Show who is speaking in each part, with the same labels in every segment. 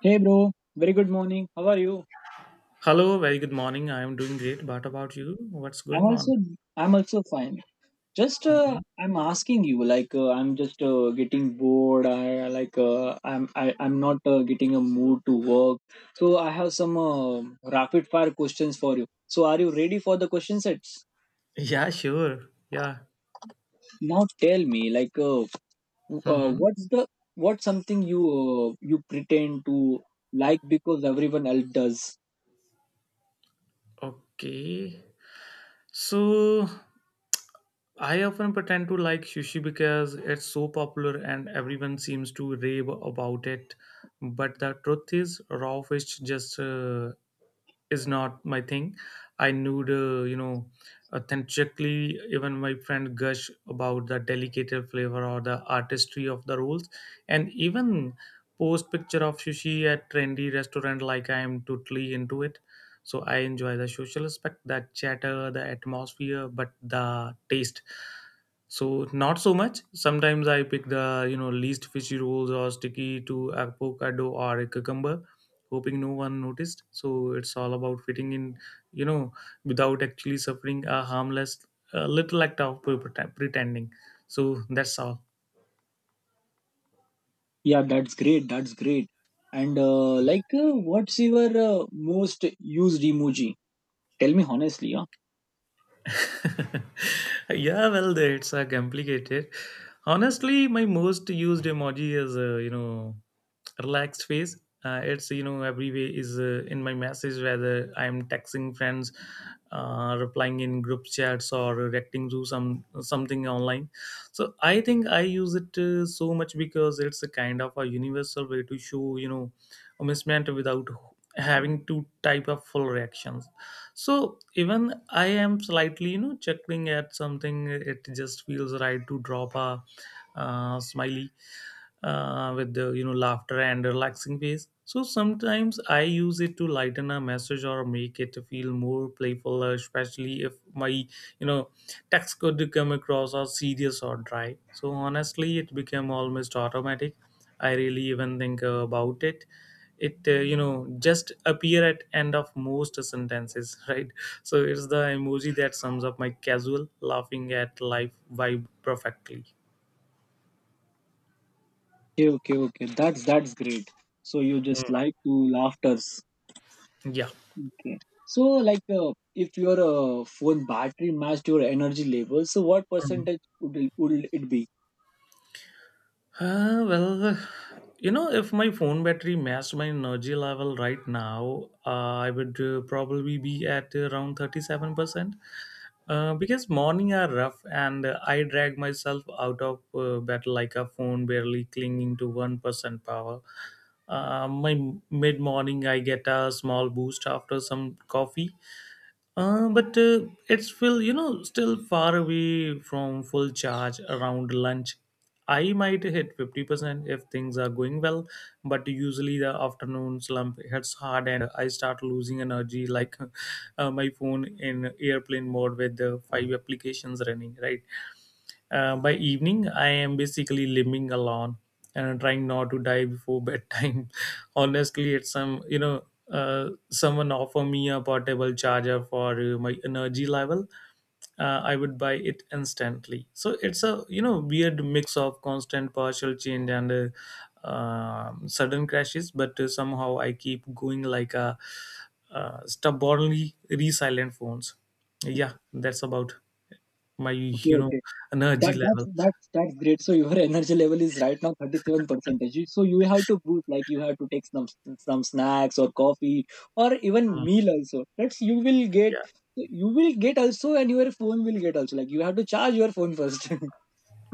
Speaker 1: Hey bro, very good morning. How are you?
Speaker 2: Hello, very good morning. I am doing great. What about you? What's
Speaker 1: I'm
Speaker 2: going
Speaker 1: also
Speaker 2: on?
Speaker 1: I'm also fine. Just
Speaker 2: Mhm.
Speaker 1: I'm asking you like I'm just getting bored. I like I'm not getting a mood to work. So I have some rapid fire questions for you. So are you ready for the question sets?
Speaker 2: Yeah, sure. Yeah.
Speaker 1: Now tell me like uh,
Speaker 2: hmm
Speaker 1: what's the what's something you pretend to like because everyone else does?
Speaker 2: Okay. So I often pretend to like sushi because it's so popular and everyone seems to rave about it. But the truth is, raw fish just is not my thing. I need, you know, authentically. Even my friend gush about the delicate flavor or the artistry of the rolls, and even post picture of sushi at trendy restaurant like I am totally into it. So I enjoy the social aspect, the chatter, the atmosphere, but the taste. So not so much. Sometimes I pick the least fishy rolls or sticky to avocado or a cucumber, hoping no one noticed. So it's all about fitting in, you know, without actually suffering a harmless, little act of pretending. So that's all.
Speaker 1: Yeah, that's great. That's great. And like, what's your most used emoji? Tell me honestly. Huh?
Speaker 2: Yeah, well, that's complicated. Honestly, my most used emoji is relaxed face. It's, every way, is in my message, whether I'm texting friends, replying in group chats, or reacting to something online. So I think I use it so much because it's a kind of a universal way to show, amusement without having to type a full reaction. So even I am slightly, chuckling at something, it just feels right to drop a smiley with the, laughter and relaxing face. So sometimes I use it to lighten a message or make it feel more playful, especially if my, text could come across as serious or dry. So honestly, it became almost automatic. I really even think about it. Just appear at end of most sentences right. So it's the emoji that sums up my casual laughing at life vibe perfectly.
Speaker 1: Okay, okay, okay. That's great. So you just
Speaker 2: Hmm.
Speaker 1: like to laughters.
Speaker 2: Yeah.
Speaker 1: Okay. So like, if your phone battery matched your energy level, so what
Speaker 2: Mhm.
Speaker 1: percentage would it be?
Speaker 2: Well, if my phone battery matched my energy level right now, I would probably be at around 37%. Because morning are rough and I drag myself out of bed like a phone barely clinging to 1% power. My mid morning, I get a small boost after some coffee, but it's still, still far away from full charge around lunch. I might hit 50% if things are going well, but usually the afternoon slump hits hard and I start losing energy like my phone in airplane mode with the five applications running, right? By evening, I am basically living alone and trying not to die before bedtime. Honestly, it's someone offer me a portable charger for my energy level. I would buy it instantly. So it's a, weird mix of constant partial change and sudden crashes, but somehow I keep going like a stubbornly resilient phones. Yeah, that's about. My,
Speaker 1: Okay, okay.
Speaker 2: energy
Speaker 1: That that's
Speaker 2: level.
Speaker 1: that's that's great. So your energy level is right now 37 percentage. So you have to boost, like you have to take some snacks or coffee or even
Speaker 2: Mm,
Speaker 1: meal also. That's you will get
Speaker 2: yeah.
Speaker 1: you will get also, and your phone will get also. Like you have to charge your phone first.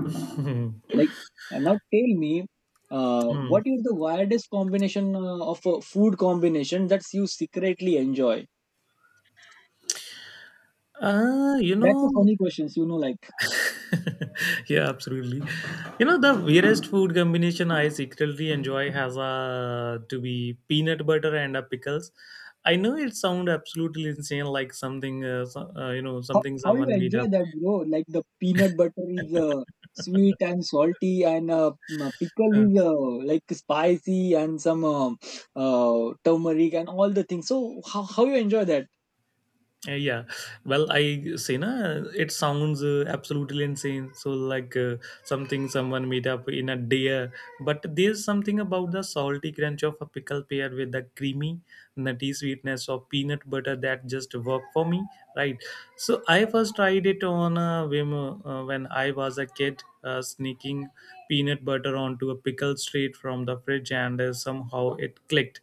Speaker 2: Mhm.
Speaker 1: Like, and now tell me,
Speaker 2: Mm.
Speaker 1: what is the weirdest combination of a food combination that you secretly enjoy?
Speaker 2: Uh, you
Speaker 1: That's a
Speaker 2: know,
Speaker 1: funny question. You know, like.
Speaker 2: yeah, absolutely. The weirdest food combination I secretly enjoy has a to be peanut butter and a pickles. I know it sounds absolutely insane, like something,
Speaker 1: How,
Speaker 2: something
Speaker 1: how you
Speaker 2: someone made
Speaker 1: enjoy
Speaker 2: up.
Speaker 1: that, bro? Like the peanut butter is sweet and salty, and pickle
Speaker 2: uh,
Speaker 1: is like spicy and some turmeric and all the things. So how you enjoy that?
Speaker 2: Yeah, well, I say na, it sounds absolutely insane. So like something someone made up in a day, but there's something about the salty crunch of a pickle paired with the creamy, nutty sweetness of peanut butter that just work for me, right? So I first tried it on a whim when I was a kid, sneaking peanut butter onto a pickle straight from the fridge, and somehow it clicked.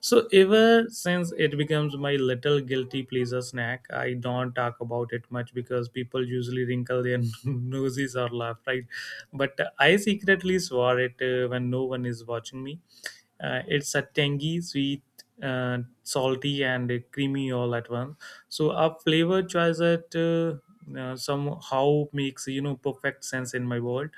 Speaker 2: So ever since it becomes my little guilty pleasure snack. I don't talk about it much because people usually wrinkle their noses or laugh, right? But I secretly swore it when no one is watching me. It's a tangy, sweet, salty, and creamy all at once. So a flavor choice that somehow makes, perfect sense in my world.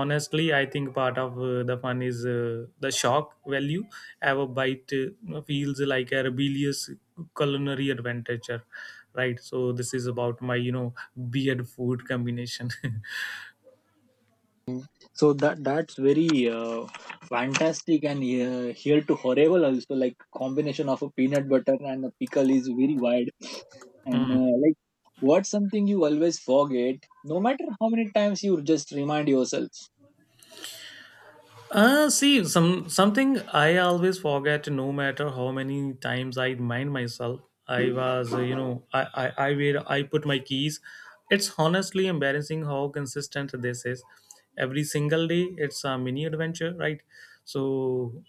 Speaker 2: Honestly, I think part of the fun is the shock value. Our bite feels like a rebellious culinary adventure, right? So this is about my, beard food combination.
Speaker 1: So that's very fantastic and here to horrible also. Like combination of a peanut butter and a pickle is very wide, and like what's something you always forget, no matter how many times you just remind yourself.
Speaker 2: See, something I always forget, no matter how many times I remind myself, I was, you know, I where I put my keys. It's honestly embarrassing how consistent this is. Every single day, it's a mini adventure, right? So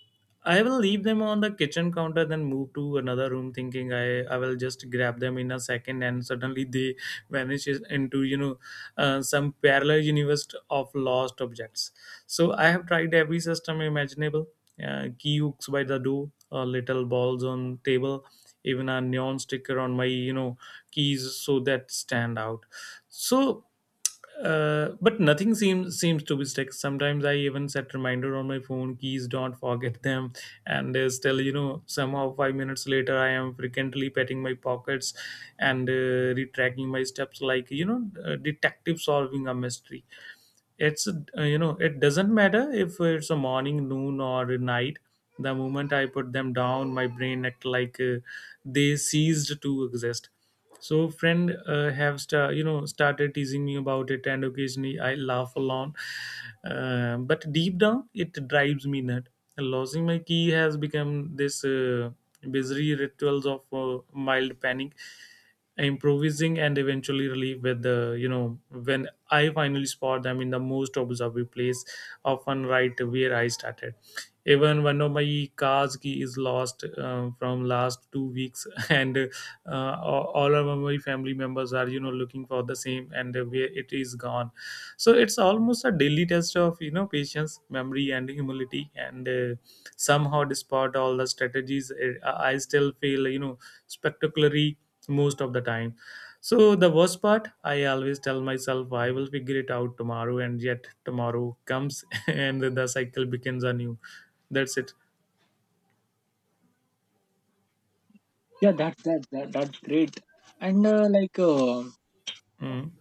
Speaker 2: I will leave them on the kitchen counter, then move to another room, thinking I will just grab them in a second, and suddenly they vanishes into, some parallel universe of lost objects. So I have tried every system imaginable. Key hooks by the door, little balls on table, even a neon sticker on my, keys so that stand out. So, but nothing seems to be stuck. Sometimes I even set reminder on my phone. Keys, don't forget them, and still, somehow 5 minutes later I am frequently patting my pockets and retracking my steps like, detective solving a mystery. It's it doesn't matter if it's a morning, noon, or a night. The moment I put them down, my brain act like they ceased to exist. So friend have started teasing me about it and occasionally I laugh along, but deep down it drives me nut. Losing my key has become this busy rituals of mild panic, improvising, and eventually relief with the, when I finally spot them in the most observable place, often right where I started. Even one of my car's key is lost from last 2 weeks, and all our my family members are, looking for the same and where it is gone. So it's almost a daily test of, patience, memory, and humility, and somehow despite all the strategies I still feel, spectacularly most of the time. So the worst part, I always tell myself I will figure it out tomorrow, and yet tomorrow comes and the cycle begins anew. That's it.
Speaker 1: Yeah, that's that, that that's great. And like
Speaker 2: Mm.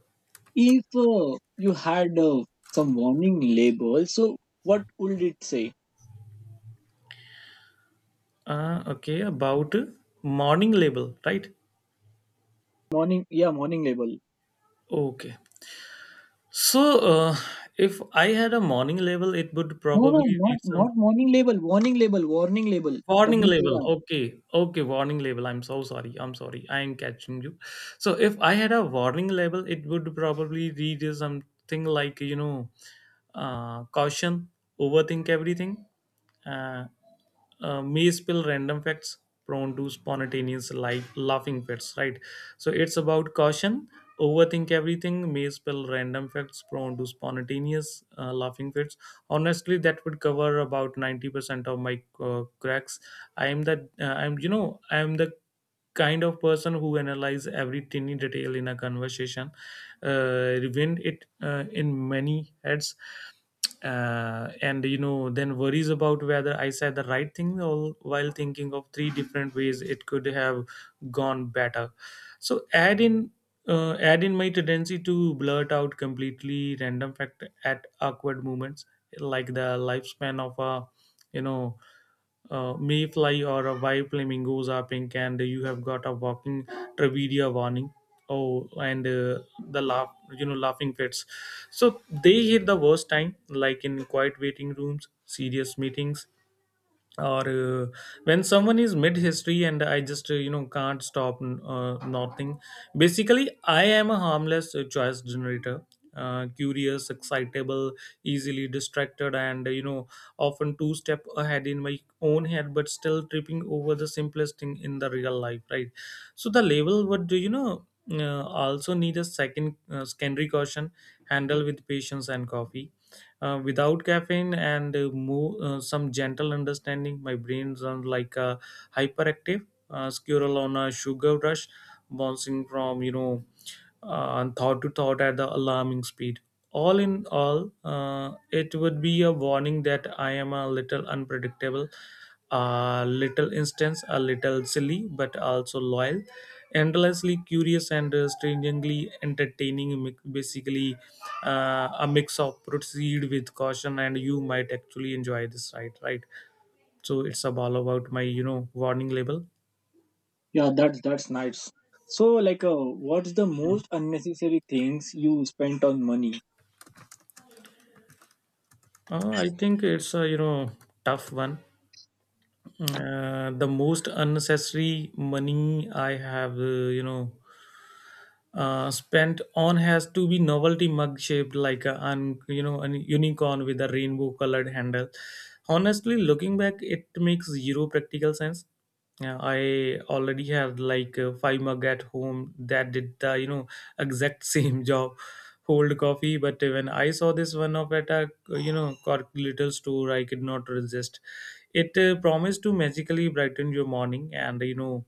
Speaker 1: if you had some warning label, so what would it say?
Speaker 2: Okay, about morning label, right?
Speaker 1: Morning, yeah, morning label.
Speaker 2: Okay. So, uh, if I had a morning level, it would
Speaker 1: No, no,
Speaker 2: probably
Speaker 1: not
Speaker 2: read some.
Speaker 1: not morning label, warning label, warning label.
Speaker 2: Warning
Speaker 1: w a
Speaker 2: label,
Speaker 1: r
Speaker 2: okay. Okay, warning label. I'm so sorry, I'm sorry, I am catching you. So if I had a warning label, it would probably read as something like, caution, overthink everything, uh, may spill random facts, prone to spontaneous like laughing fits, right? So it's about caution, overthink everything, may spill random facts, prone to spontaneous laughing fits. Honestly, that would cover about 90% of my cracks. i am the I am the kind of person who analyze every tiny detail in a conversation, revenge it in many heads, and, then worries about whether I said the right thing, all while thinking of three different ways it could have gone better. So add in my tendency to blurt out completely random fact at awkward moments, like the lifespan of a, you know mayfly, or a white flamingos are pink, and you have got a walking trivia warning. Oh, and the laugh, laughing fits. So they hit the worst time, like in quiet waiting rooms, serious meetings, or when someone is mid history and I just, can't stop nothing. Basically, I am a harmless choice generator, curious, excitable, easily distracted, and, often two step ahead in my own head, but still tripping over the simplest thing in the real life, right? So the label would, also need a secondary caution, handle with patience and coffee, without caffeine and some gentle understanding. My brain runs like a hyperactive squirrel on a sugar rush, bouncing from, and thought to thought at the alarming speed. All in all, it would be a warning that I am a little unpredictable, a little instance, a little silly, but also loyal, endlessly curious, and strangely entertaining. Basically, a mix of proceed with caution, and you might actually enjoy this ride, right? So it's all about my, warning label.
Speaker 1: Yeah, that's nice. So like what's the
Speaker 2: Mm.
Speaker 1: most unnecessary things you spent on money?
Speaker 2: I think it's a, tough one. The most unnecessary money I have, spent on has to be novelty mug shaped like a a unicorn with a rainbow colored handle. Honestly, looking back, it makes zero practical sense. Yeah, I already have like five mug at home that did the exact same job, hold coffee. But when I saw this one up at a corporate little store, I could not resist. It promised to magically brighten your morning, and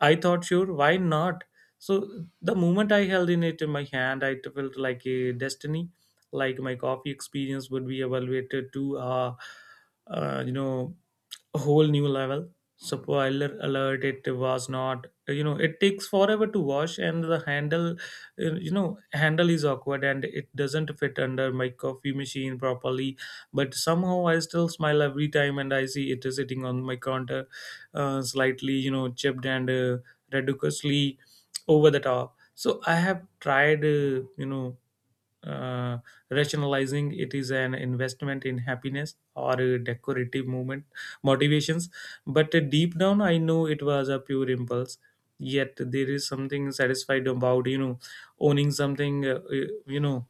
Speaker 2: I thought, sure, why not? So the moment I held in it in my hand, I felt like a destiny, like my coffee experience would be evaluated to, uh, you know, a whole new level. Spoiler alert, it was not. It takes forever to wash, and the handle you know handle is awkward, and it doesn't fit under my coffee machine properly. But somehow I still smile every time and I see it sitting on my counter, slightly chipped and ridiculously over the top. So I have tried uh, rationalizing it is an investment in happiness or a decorative movement, motivations. But deep down I know it was a pure impulse. Yet there is something satisfied about owning something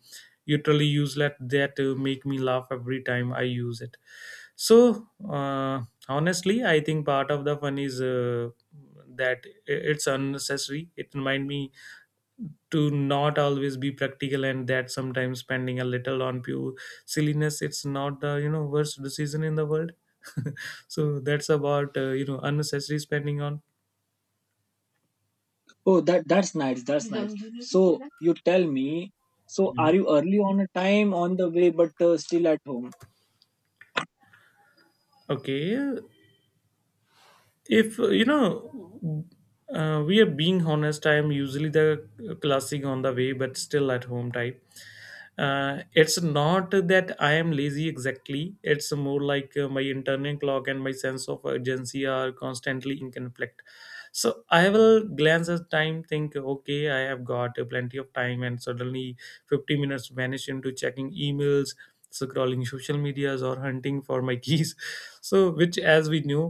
Speaker 2: utterly useless that make me laugh every time I use it. So honestly I think part of the fun is that it's unnecessary. It remind me to not always be practical, and that sometimes spending a little on pure silliness, it's not the worst decision in the world. So that's about unnecessary spending on
Speaker 1: Oh, that's nice. That's nice. So you tell me, so are
Speaker 2: Mhm.
Speaker 1: you early on a time on the way but still at home?
Speaker 2: Okay. If we are being honest, I am usually the classic on the way but still at home type. It's not that I am lazy exactly. It's more like my internal clock and my sense of urgency are constantly in conflict. So I will glance at time, think okay, I have got plenty of time, and suddenly 50 minutes vanish into checking emails, scrolling social medias, or hunting for my keys. So which, as we know,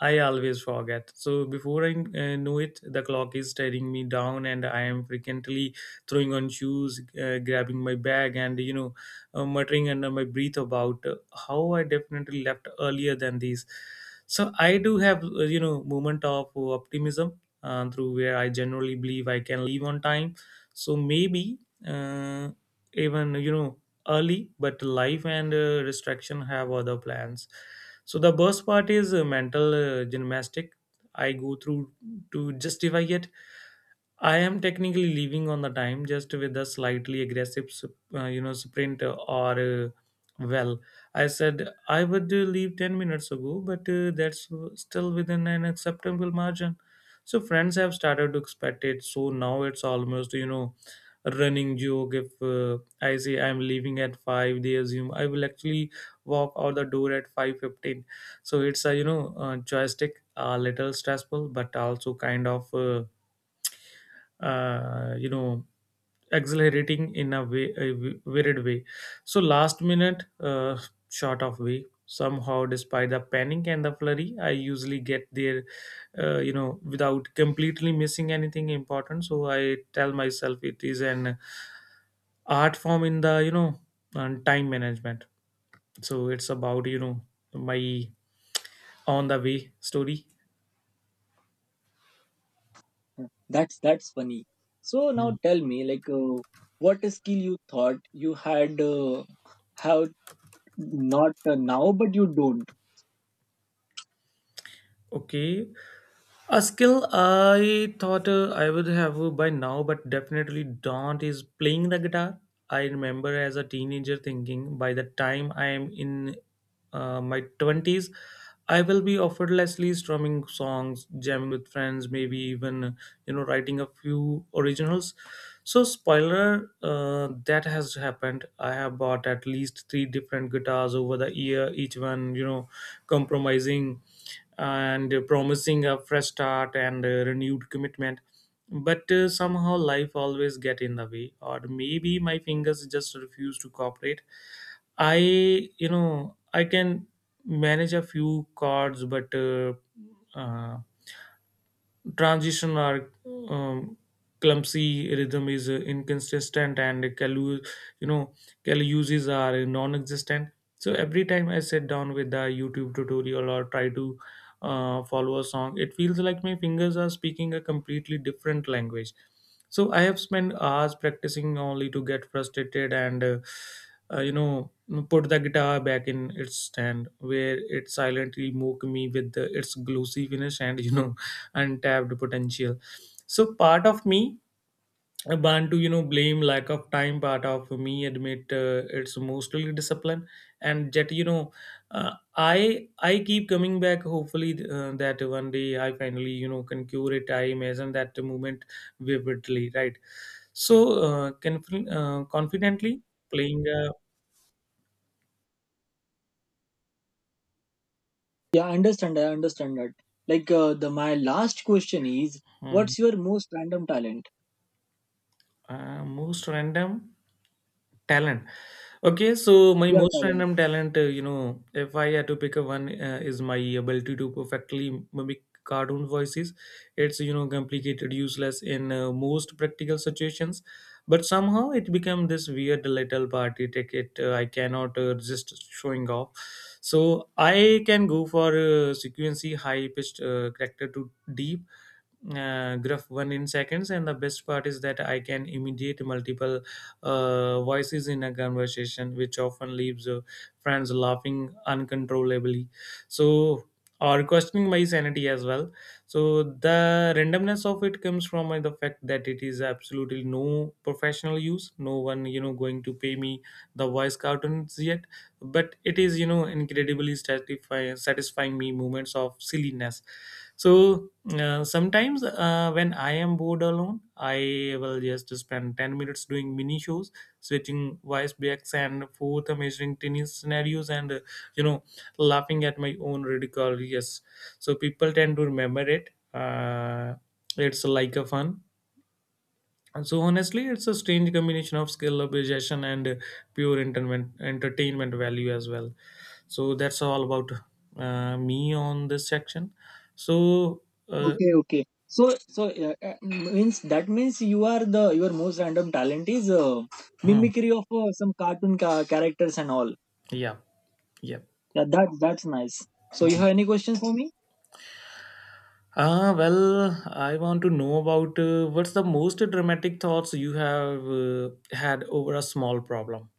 Speaker 2: I always forget. So before I know it, the clock is staring me down, and I am frequently throwing on shoes, grabbing my bag, and muttering under my breath about how I definitely left earlier than this. So I do have moment of optimism through where I generally believe I can leave on time. So maybe, uh, even early, but life and restriction have other plans. So the worst part is mental gymnastic I go through to justify it. I am technically leaving on the time, just with a slightly aggressive, sprint or uh, well. I said I would leave 10 minutes ago, but that's still within an acceptable margin. So friends have started to expect it. So now it's almost a running joke. If I say I'm leaving at 5, they assume I will actually walk out the door at 5:15. So it's a joystick, a little stressful, but also kind of. Uh, you know Accelerating in a way, weird way. So last minute, short of way, somehow despite the panic and the flurry I usually get there without completely missing anything important. So I tell myself it is an art form in the and time management. So it's about my on the way story.
Speaker 1: Huh, That's funny. So
Speaker 2: Mm.
Speaker 1: now tell me, like, what skill you thought you had have not now, but you don't.
Speaker 2: Okay. A skill I thought I would have by now, but definitely don't, is playing the guitar. I remember as a teenager thinking by the time I am in my 20s, I will be effortlessly strumming songs, jamming with friends, maybe even, writing a few originals. So, spoiler, that has happened. I have bought at least three different guitars over the year, each one, compromising and promising a fresh start and a renewed commitment, but somehow life always get in the way, or maybe my fingers just refuse to cooperate. I you know i can manage a few chords, but uh, transition are um, clumsy, rhythm is inconsistent, and Kalu, you know Kalu uses are non-existent. So every time I sit down with the youtube tutorial or try to follow a song, it feels like my fingers are speaking a completely different language. So I have spent hours practicing only to get frustrated and uh, you know put the guitar back in its stand, where it silently mocked me with its glossy finish and untapped potential. So part of me want to blame lack of time. Part of me admit it's mostly discipline, and yet I keep coming back. Hopefully that one day I finally concur it. I imagine that moment vividly, right? So confidently playing a
Speaker 1: Yeah, I understand. I understand that. Like, the my last question is,
Speaker 2: Hmm.
Speaker 1: what's your most random talent?
Speaker 2: Most random talent. Okay, so my
Speaker 1: Your
Speaker 2: most
Speaker 1: talent.
Speaker 2: random talent, if I had to pick a one, is my ability to perfectly mimic cartoon voices. It's, complicated, useless in most practical situations, but somehow it became this weird little party ticket. I cannot resist showing off. So I can go for sequency, high pitched character to deep graph one in seconds. And the best part is that I can imitate multiple voices in a conversation, which often leaves friends laughing uncontrollably. So, or questioning my sanity as well. So the randomness of it comes from the fact that it is absolutely no professional use, no one going to pay me the voice cartoons yet. But it is incredibly satisfying me moments of silliness. So sometimes, when I am bored alone, I will just spend 10 minutes doing mini shows, switching voice backs and forth, measuring tiny scenarios and, you know, laughing at my own ridicule. Yes. So people tend to remember it. It's like a fun. And so honestly, it's a strange combination of skill, appreciation, and pure entertainment value as well. So that's all about me on this section. So uh,
Speaker 1: Okay, okay. So means that means you are the your most random talent is
Speaker 2: Mm.
Speaker 1: mimicry of some cartoon characters and all.
Speaker 2: Yeah. Yeah.
Speaker 1: Yeah, that's nice. So you
Speaker 2: Mm.
Speaker 1: have any questions for me?
Speaker 2: Well, I want to know about what's the most dramatic thoughts you have had over a small problem.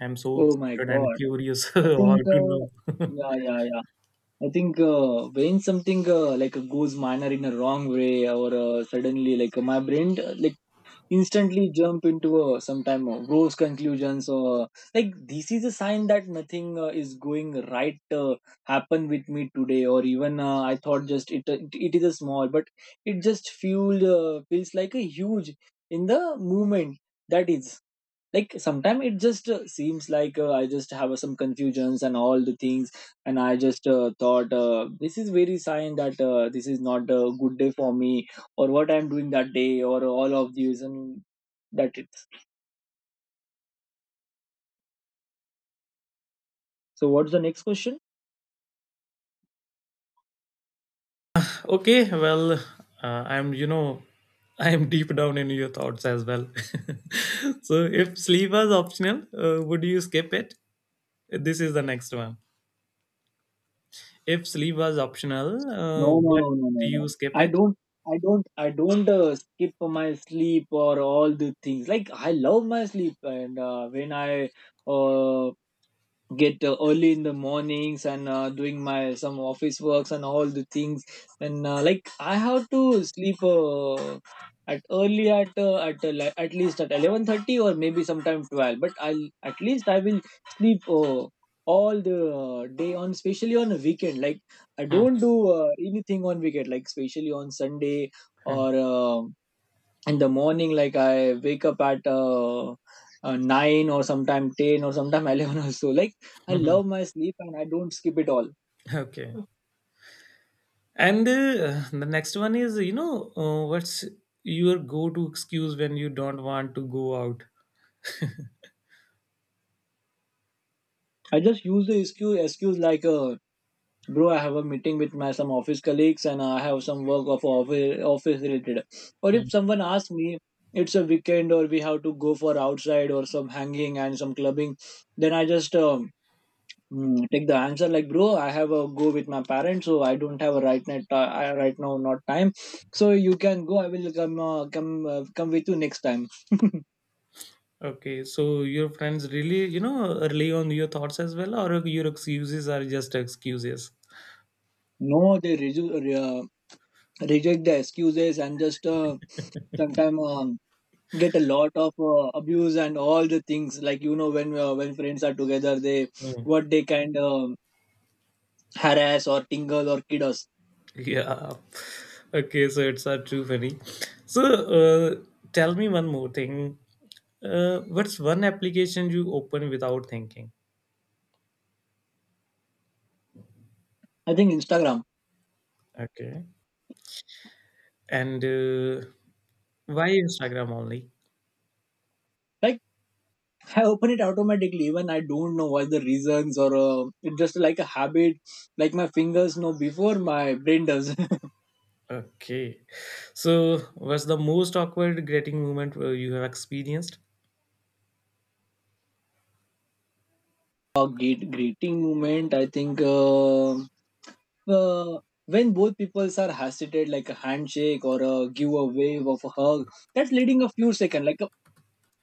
Speaker 2: I'm so
Speaker 1: Oh my
Speaker 2: excited and
Speaker 1: god.
Speaker 2: curious
Speaker 1: I
Speaker 2: how
Speaker 1: think,
Speaker 2: to know.
Speaker 1: yeah, yeah, yeah. I think when something like goes minor in a wrong way, or suddenly like my brain like instantly jump into sometime gross conclusions, or like this is a sign that nothing is going right happen with me today, or even I thought just it is a small, but it just fueled feels like a huge in the movement. That is like sometimes it just seems like I just have some confusions and all the things, and I just thought this is very sign that this is not a good day for me, or what I'm doing that day, or all of these, and that it. So what's the next question?
Speaker 2: Okay, well, I'm, I'm deep down in your thoughts as well. So, if sleep was optional, would you skip it? This is the next one. If sleep was optional,
Speaker 1: No, no,
Speaker 2: what
Speaker 1: no, no, no,
Speaker 2: do
Speaker 1: no.
Speaker 2: you skip
Speaker 1: i
Speaker 2: it?
Speaker 1: don't i don't i don't uh, skip my sleep or all the things, like I love my sleep and when I uh, get early in the mornings and doing my some office works and all the things, and like I have to sleep at early at li- at least at 11:30 or maybe sometime 12, but I'll at least I will sleep all the day on, especially on a weekend. Like I
Speaker 2: Hmm.
Speaker 1: don't do anything on weekend, like especially on Sunday
Speaker 2: Hmm.
Speaker 1: or in the morning, like I wake up at 9 or sometime 10 or sometime 11 or so. Like I love my sleep and I don't skip it all.
Speaker 2: Okay. And the next one is, what's your go-to excuse when you don't want to go out?
Speaker 1: I just use the excuse like bro, I have a meeting with my some office colleagues and I have some work of office related, or
Speaker 2: Hmm.
Speaker 1: if someone asks me it's a weekend or we have to go for outside or some hanging and some clubbing, then I just take the answer, like, bro, I have a go with my parents, so I don't have a right night, right now not time, so you can go, I will come come with you next time.
Speaker 2: Okay, so your friends really, rely on your thoughts as well, or your excuses are just excuses?
Speaker 1: No, they reject the excuses, and just sometimes get a lot of abuse and all the things, like when when friends are together, they
Speaker 2: Hmm.
Speaker 1: what they kind of harass or tingle or kid us.
Speaker 2: Yeah. Okay, so it's too funny. So, tell me one more thing. What's one application you open without thinking?
Speaker 1: I think Instagram.
Speaker 2: Okay. And why Instagram only?
Speaker 1: Right. I open it automatically when I don't know what the reasons, or it's just like a habit, like my fingers know before my brain does.
Speaker 2: Okay. So, what's the most awkward greeting moment you have experienced?
Speaker 1: A great greeting moment, I think uh, when both peoples are hesitated, like a handshake or a give a wave of a hug, that's leading a few seconds, like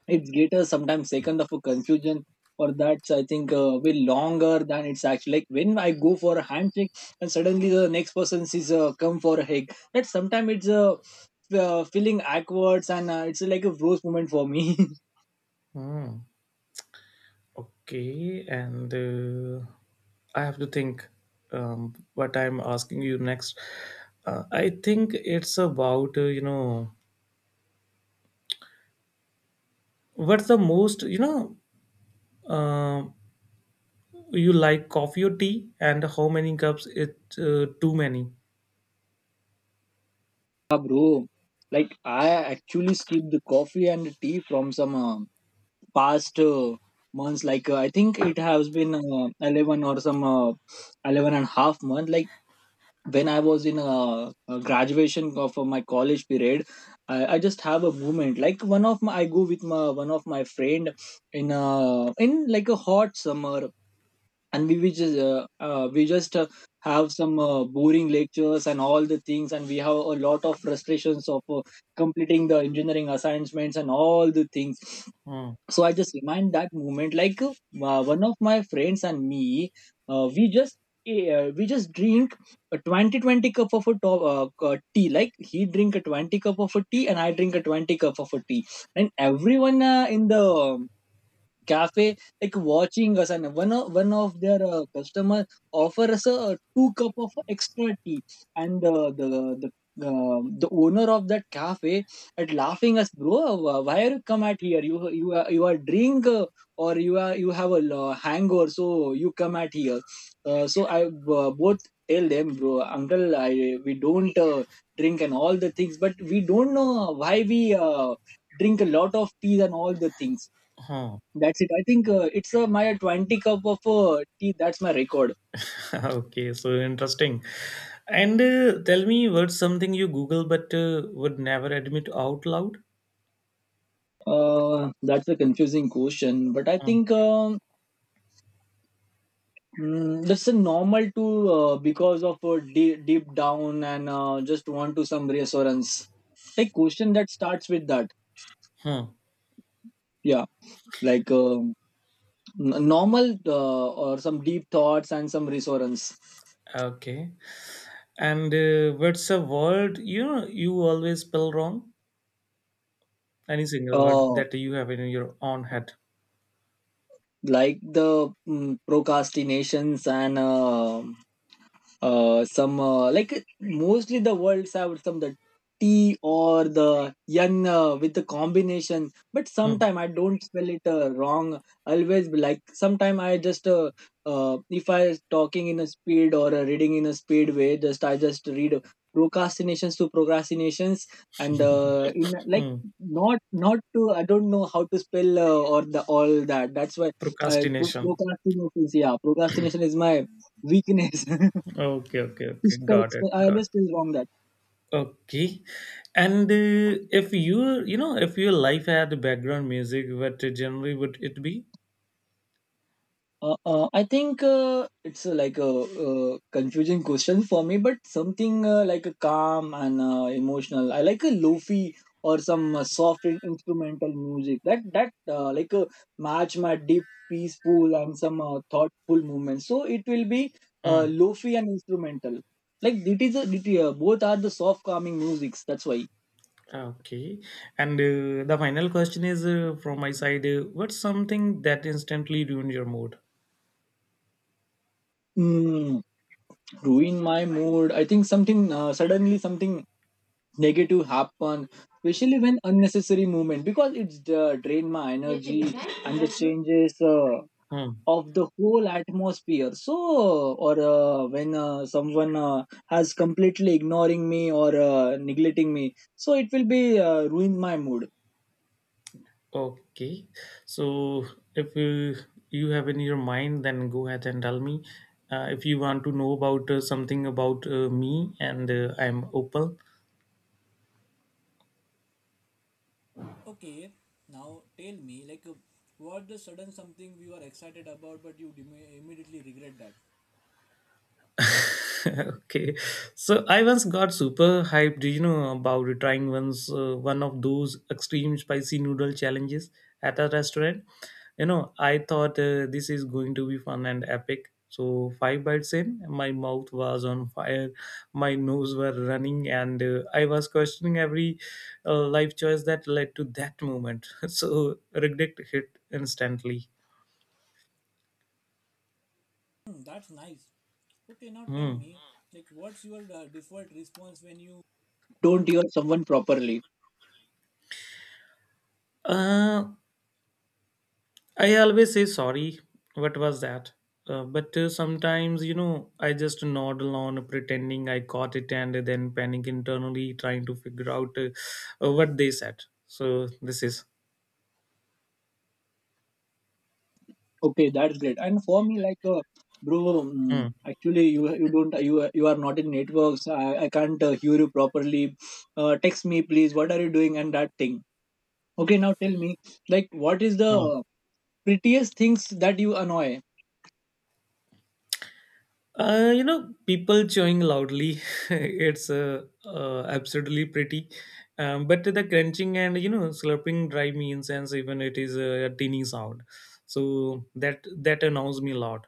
Speaker 1: it's greater sometimes second of a confusion, or that's I think way longer than it's actually, like when I go for a handshake and suddenly the next person sees come for a hug. That sometimes it's a feeling backwards and it's like a rose moment for me.
Speaker 2: Hmm. Okay. And I have to think what I'm asking you next. I think it's about, what's the most, um you like coffee or tea, and how many cups? It too many.
Speaker 1: Yeah, bro. Like I actually skipped the coffee and the tea from some past months. Like I think it has been 11 or some 11 and half month. Like when I was in a graduation of my college period, I just have a moment, like one of my I go with my one of my friend in like a hot summer, and we just have some boring lectures and all the things, and we have a lot of frustrations of completing the engineering assignments and all the things.
Speaker 2: Hmm.
Speaker 1: So I just remind that moment, like one of my friends and me, uh, we just we just drink a 20 20 cup of a tea, like he drink a 20 cup of a tea and I drink a 20 cup of a tea, and everyone in the cafe like watching us, and one of their customer offer us a two cup of extra tea, and the the owner of that cafe at laughing us, bro, why are you come at here? You are drink, or you are, you have a hangover, so you come at here. So I both tell them, bro, uncle, I we don't drink and all the things, but we don't know why we uh, drink a lot of teas and all the things.
Speaker 2: Hmm.
Speaker 1: That's it. I think it's my 20 cup of tea. That's my record.
Speaker 2: Okay, so interesting. And tell me, what's something you Google but would never admit out loud?
Speaker 1: That's a confusing question, but I
Speaker 2: Hmm.
Speaker 1: think that's a normal to because of deep, deep down and just want to some reassurance. Like question that starts with that.
Speaker 2: Hmm.
Speaker 1: Yeah, like normal or some deep thoughts and some reassurance.
Speaker 2: Okay. And what's a word you know you always spell wrong? Any single word
Speaker 1: Uh,
Speaker 2: that you have in your own head?
Speaker 1: like the procrastinations and some like mostly the world served some the T or the yen with the combination, but
Speaker 2: Hmm.
Speaker 1: sometime I don't spell it wrong, always be like sometime I just if I talking in a speed or reading in a speed way, just I just read procrastinations to procrastinations, and in like
Speaker 2: Hmm.
Speaker 1: not to, I don't know how to spell or the all that. That's why
Speaker 2: Procrastination.
Speaker 1: procrastinations, yeah, procrastination is my weakness.
Speaker 2: Okay, okay, okay.
Speaker 1: Spell,
Speaker 2: Got it.
Speaker 1: spell. I
Speaker 2: Got
Speaker 1: always
Speaker 2: it.
Speaker 1: spell wrong that.
Speaker 2: Okay. And if your life had background music, what genre would it be?
Speaker 1: I think it's like a, confusing question for me, but something like a calm and emotional. I like a lofi or some soft instrumental music that like match my deep, peaceful and some thoughtful movement. So it will be lofi and instrumental. Like it is it, both are the soft calming musics. That's why.
Speaker 2: Okay. And the final question is from my side, what's something that instantly ruined your mood?
Speaker 1: Mm, Ruin my mood. I think something suddenly something negative happen, especially when unnecessary movement, because it's drain my energy and the changes
Speaker 2: Hmm.
Speaker 1: of the whole atmosphere. So, or when someone has completely ignoring me or neglecting me, so it will be ruin my mood.
Speaker 2: Okay. So if you have in your mind, then go ahead and tell me. If you want to know about something about me, and I'm open.
Speaker 1: Okay, now tell me, like, what the sudden something we were excited about, but you immediately regret that?
Speaker 2: Okay, so I once got super hyped about trying once one of those extreme spicy noodle challenges at a restaurant. I thought, this is going to be fun and epic. So five bites in, my mouth was on fire, my nose were running, and I was questioning every life choice that led to that moment. So regret hit instantly.
Speaker 1: Hmm. That's nice. Okay, now tell
Speaker 2: Hmm.
Speaker 1: me, like, what's your default response when you don't hear someone properly?
Speaker 2: Uh, I always say sorry. What was that? But sometimes, I just nod along, pretending I got it, and then panic internally, trying to figure out what they said. So this is.
Speaker 1: Okay, that's great. And for me, like bro,
Speaker 2: Hmm.
Speaker 1: actually you don't, you are not in networks, I can't hear you properly, text me please what are you doing and that thing. Okay, now tell me, like, what is the
Speaker 2: Hmm.
Speaker 1: prettiest things that you annoy?
Speaker 2: People chewing loudly. It's absolutely pretty. But the crunching and, slurping drive me insane, even it is a teeny sound. So that annoys me a lot.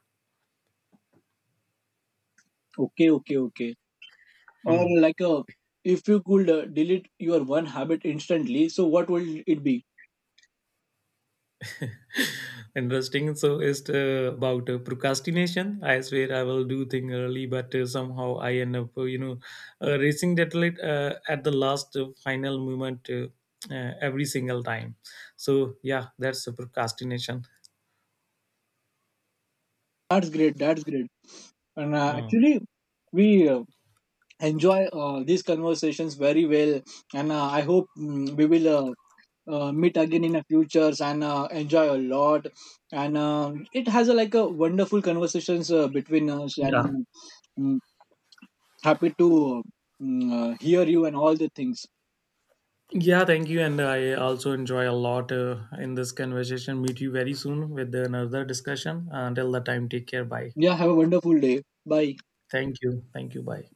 Speaker 1: Okay, okay, okay. Or
Speaker 2: Hmm.
Speaker 1: like if you could delete your one habit instantly, so what will it be?
Speaker 2: Interesting. So it's about procrastination. I swear I will do thing early, but somehow I end up, racing that late at the last final moment, every single time. So yeah, that's a procrastination.
Speaker 1: That's great. That's great. And
Speaker 2: Mm.
Speaker 1: actually we uh, enjoy these conversations very well, and I hope we will meet again in the futures and enjoy a lot, and it has a, like a wonderful conversations between us, and
Speaker 2: Yeah.
Speaker 1: mm, happy to uh, hear you and all the things.
Speaker 2: Yeah, thank you. And I also enjoy a lot in this conversation. Meet you very soon with another discussion. Until the time, take care. Bye.
Speaker 1: Yeah, have a wonderful day. Bye.
Speaker 2: Thank you. Thank you. Bye.